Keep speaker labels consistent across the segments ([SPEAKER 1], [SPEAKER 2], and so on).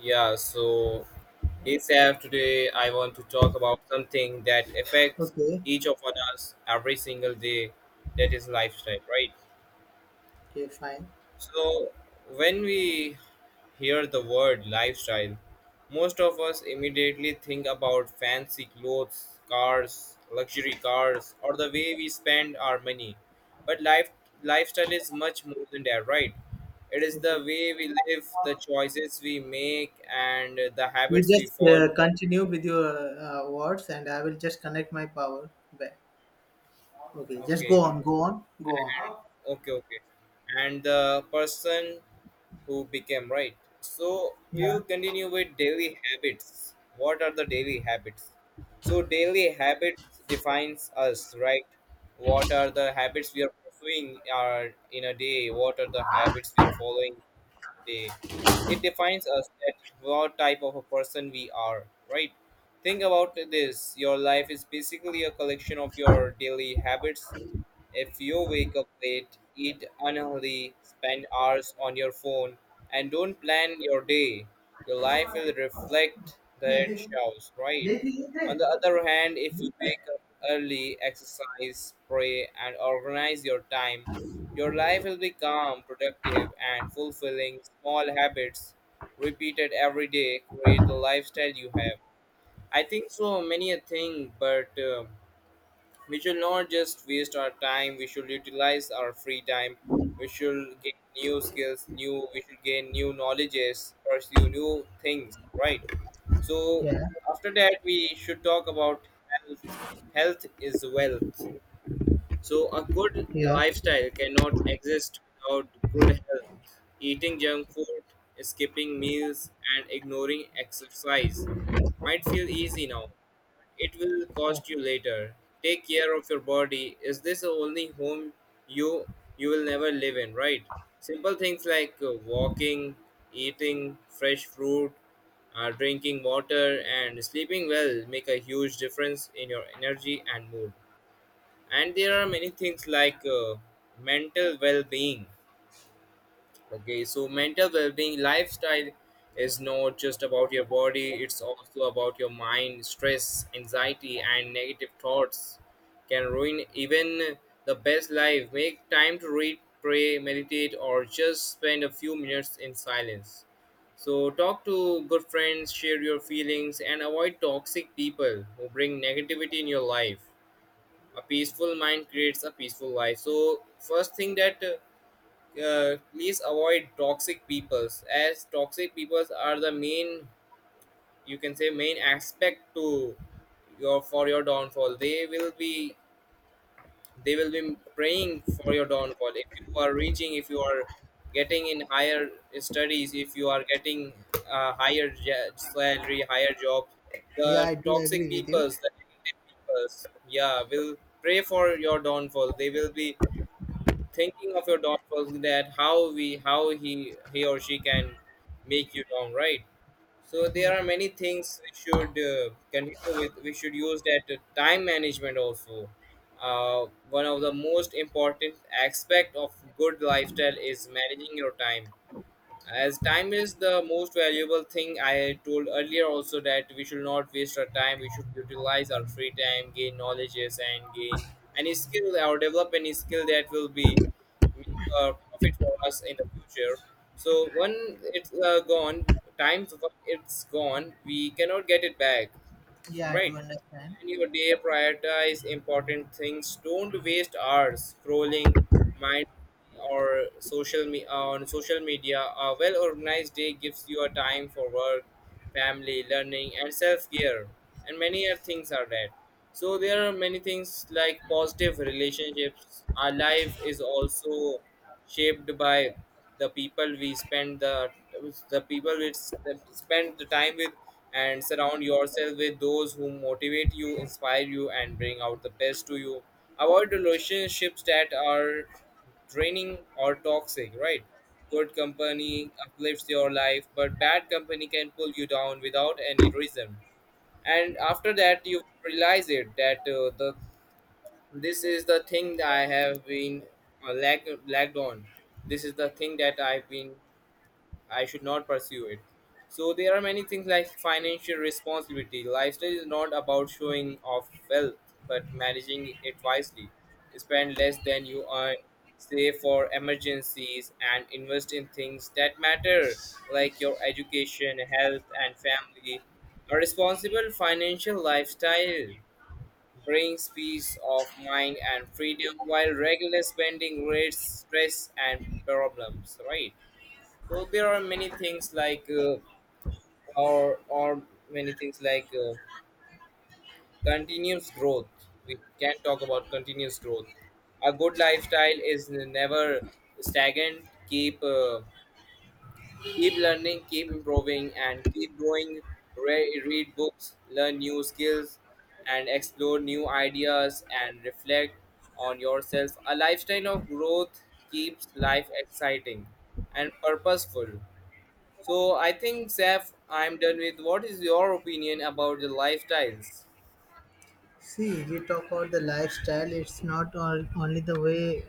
[SPEAKER 1] Yeah, so ASAP today I want to talk about something that affects
[SPEAKER 2] Okay,
[SPEAKER 1] each of us every single day that is lifestyle, right?
[SPEAKER 2] okay, fine.
[SPEAKER 1] So, when we hear the word lifestyle, most of us immediately think about fancy clothes, cars, luxury cars, or the way we spend our money. But lifestyle is much more than that, right? It is the
[SPEAKER 2] Okay,
[SPEAKER 1] way we live, the choices we make, and the
[SPEAKER 2] you
[SPEAKER 1] habits we
[SPEAKER 2] just
[SPEAKER 1] follow.
[SPEAKER 2] continue with your words, and I will just connect my power back. Okay, just go
[SPEAKER 1] Okay,
[SPEAKER 2] on, go on, go on.
[SPEAKER 1] okay. And the person who became right. So we
[SPEAKER 2] Yeah,
[SPEAKER 1] will continue with daily habits. What are the daily habits? So daily habits defines us, right? What are the habits we are pursuing are in a day? What are the habits we are following in a day? It defines us that what type of a person we are, right? Think about this. Your life is basically a collection of your daily habits if you wake up late, eat unhealthy, spend hours on your phone, and don't plan your day, your life will reflect that
[SPEAKER 2] yeah,
[SPEAKER 1] chaos, right? On
[SPEAKER 2] yeah,
[SPEAKER 1] the other hand, if you wake up early, exercise, pray, and organize your time, your life will be calm, productive, and fulfilling. Small habits repeated every day create the lifestyle you have. I think so, many a thing, but. We should not just waste our time, we should utilize our free time. We should gain new skills, new we should gain new knowledges, pursue new things, right? So after that we should talk about health. Health is wealth. So a good lifestyle cannot exist without good health. Eating junk food, skipping meals and ignoring exercise might feel easy now, it will
[SPEAKER 2] Uh,
[SPEAKER 1] cost you later. Take care of your body. Is this the only home you you will never live in, right? Simple things like walking, eating fresh fruit, drinking water and sleeping well make a huge difference in your energy and mood. And there are many things like mental well-being. Okay, so mental well being lifestyle is not just about your body, it's also about your mind. Stress, anxiety, and negative thoughts can ruin even the best life. Make time to read, pray, meditate, or just spend a few minutes in silence. So, talk to good friends, share your feelings, and avoid toxic people who bring negativity in your life. A peaceful mind creates a peaceful life. So, first thing that please avoid toxic peoples as toxic peoples are the main you can say main aspect to your for your downfall, they will be praying for your downfall, if you are getting in higher studies, if you are getting higher salary, higher job.
[SPEAKER 2] yeah.
[SPEAKER 1] The
[SPEAKER 2] I do
[SPEAKER 1] toxic
[SPEAKER 2] agree with you.
[SPEAKER 1] peoples, the negative peoples, yeah, will pray for your downfall. They will be thinking of your dog first, that how he or she can make you down, right? So there are many things we should continue with. We should use that time management also. One of the most important aspect of good lifestyle is managing your time, as time is the most valuable thing. I had told earlier also that we should not waste our time, we should utilize our free time, gain knowledges and gain any skill or develop any skill that will be make a profit for us in the future. So when it's gone times when it's gone we cannot get it back.
[SPEAKER 2] Yeah, I do
[SPEAKER 1] Right.
[SPEAKER 2] understand.
[SPEAKER 1] In your day, prioritize important things. Don't waste hours scrolling, mind, or social me on social media. A well-organized day gives you a time for work, family, learning, and self-care, and many other things are that. So there are many things like positive relationships. Our life is also shaped by the people we spend the the people spend the time with, and surround yourself with those who motivate you, inspire you, and bring out the best to you. Avoid relationships that are draining or toxic, right? Good company uplifts your life, but bad company can pull you down without any reason. And after that you realize it that the this is the thing that I have been lagged on. This is the thing that I should not pursue it. So there are many things like financial responsibility. Lifestyle is not about showing off wealth, but managing it wisely. Spend less than you earn, save for emergencies, and invest in things that matter, like your education, health, and family. A responsible financial lifestyle brings peace of mind and freedom, while regular spending creates stress and problems, right? So there are many things like or many things like continuous growth. We can talk about continuous growth. A good lifestyle is never stagnant. Keep learning, keep improving, and keep growing. Read books, learn new skills, and explore new ideas and reflect on yourself. A lifestyle of growth keeps life exciting and purposeful. So, I think, Seth, I'm done with what is your opinion about the lifestyles?
[SPEAKER 2] See, we talk about the lifestyle. It's not all, only the way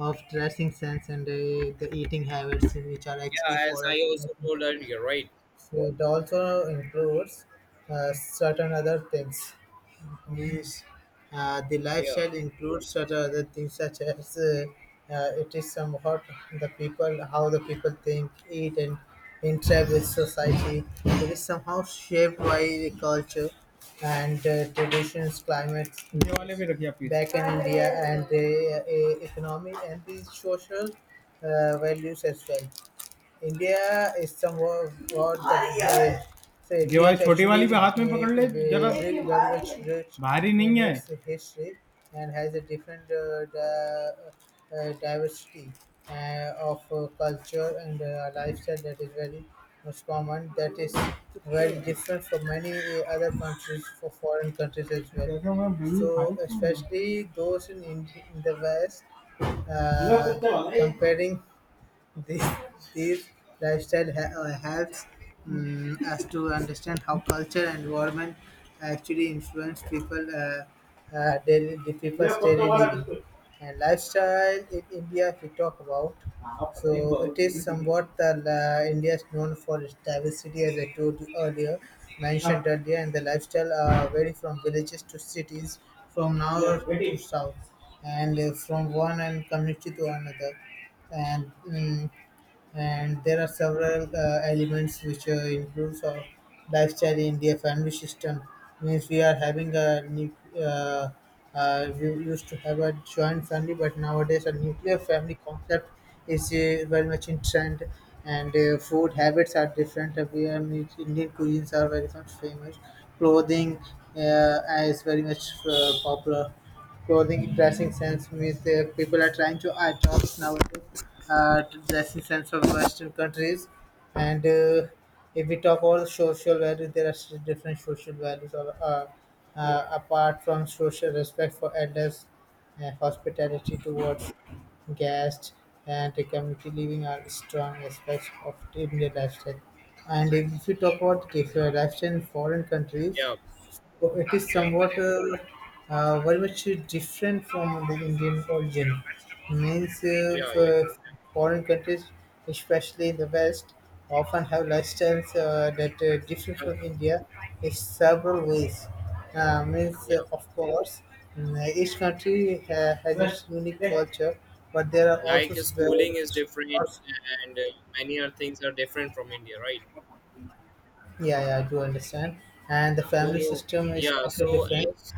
[SPEAKER 2] of dressing sense and the eating habits which are actually
[SPEAKER 1] Yeah, as I
[SPEAKER 2] followed.
[SPEAKER 1] also told earlier, right?
[SPEAKER 2] So it also includes certain other things. It means the lifestyle includes certain other things such as it is somewhat the people, how the people think, eat, and interact with society. It is somehow shaped by the culture and traditions, climates, ये वाले भी रखिए आप piece back in India, and the economic and the social values as well. India is somewhat what the say ये भाई great छोटी वाली पे हाथ में पकड़ ले जरा extreme language rich भारी in नहीं है its history and has a different diversity of culture and lifestyle that is very much common, that is very different from many other countries, for foreign countries as well, so especially those in, in the West, comparing this, this lifestyle helps us to understand how culture and environment actually influence people daily, the people's daily living. And lifestyle in India, if we talk about. So it is somewhat that India is known for its diversity, as I told you earlier, mentioned earlier, and the lifestyle vary from villages to cities, from north to south, and from one and community to another. And mm and there are several elements which includes our lifestyle. India family system means we are having a uh, we used to have a joint family, but nowadays a nuclear family concept is very much in trend, and food habits are different. Uh, we are means Indian cuisines are very much famous. Clothing is very much popular. Clothing, dressing sense means people are trying to adopt nowadays uh, dressing sense of Western countries. And if we talk about social values, there are different social values or apart from social respect for elders, hospitality towards guests, and the community living are strong aspects of Indian lifestyle. And if we talk about different lifestyle in foreign countries,
[SPEAKER 1] Yeah,
[SPEAKER 2] oh, it is
[SPEAKER 1] yeah,
[SPEAKER 2] somewhat very much different from the Indian origin. Means
[SPEAKER 1] yeah,
[SPEAKER 2] for
[SPEAKER 1] yeah,
[SPEAKER 2] foreign countries, especially in the West, often have lifestyles that differ from
[SPEAKER 1] yeah,
[SPEAKER 2] India in several ways. Means,
[SPEAKER 1] yeah.
[SPEAKER 2] of course, each country has its unique culture, but there are also
[SPEAKER 1] Like
[SPEAKER 2] several.
[SPEAKER 1] schooling is different and many other things are different from india, right?
[SPEAKER 2] Yeah, yeah, I do understand. And the family
[SPEAKER 1] so
[SPEAKER 2] system is
[SPEAKER 1] yeah
[SPEAKER 2] also
[SPEAKER 1] so
[SPEAKER 2] different.
[SPEAKER 1] as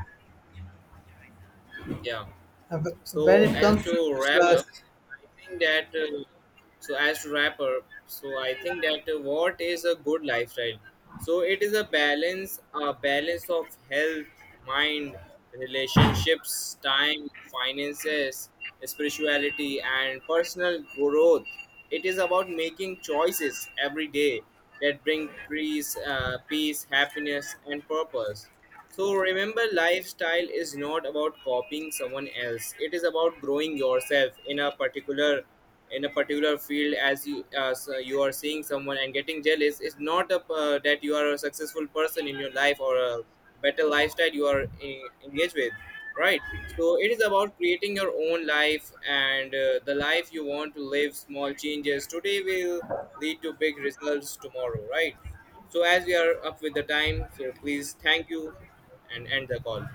[SPEAKER 1] yeah
[SPEAKER 2] But
[SPEAKER 1] so
[SPEAKER 2] when it
[SPEAKER 1] as
[SPEAKER 2] comes
[SPEAKER 1] to
[SPEAKER 2] to
[SPEAKER 1] wrap up, I think that so as to wrap up so I think that what is a good lifestyle. So it is a balance, a balance of health, mind, relationships, time, finances, spirituality and personal growth. It is about making choices every day that bring peace, happiness and purpose. So remember, lifestyle is not about copying someone else. It is about growing yourself in a particular field. As you are seeing someone and getting jealous, it's not that you are a successful person in your life or a better lifestyle you are engaged with, right? So it is about creating your own life and the life you want to live. Small changes today will lead to big results tomorrow, right? So as we are up with the time, so please thank you and end the call.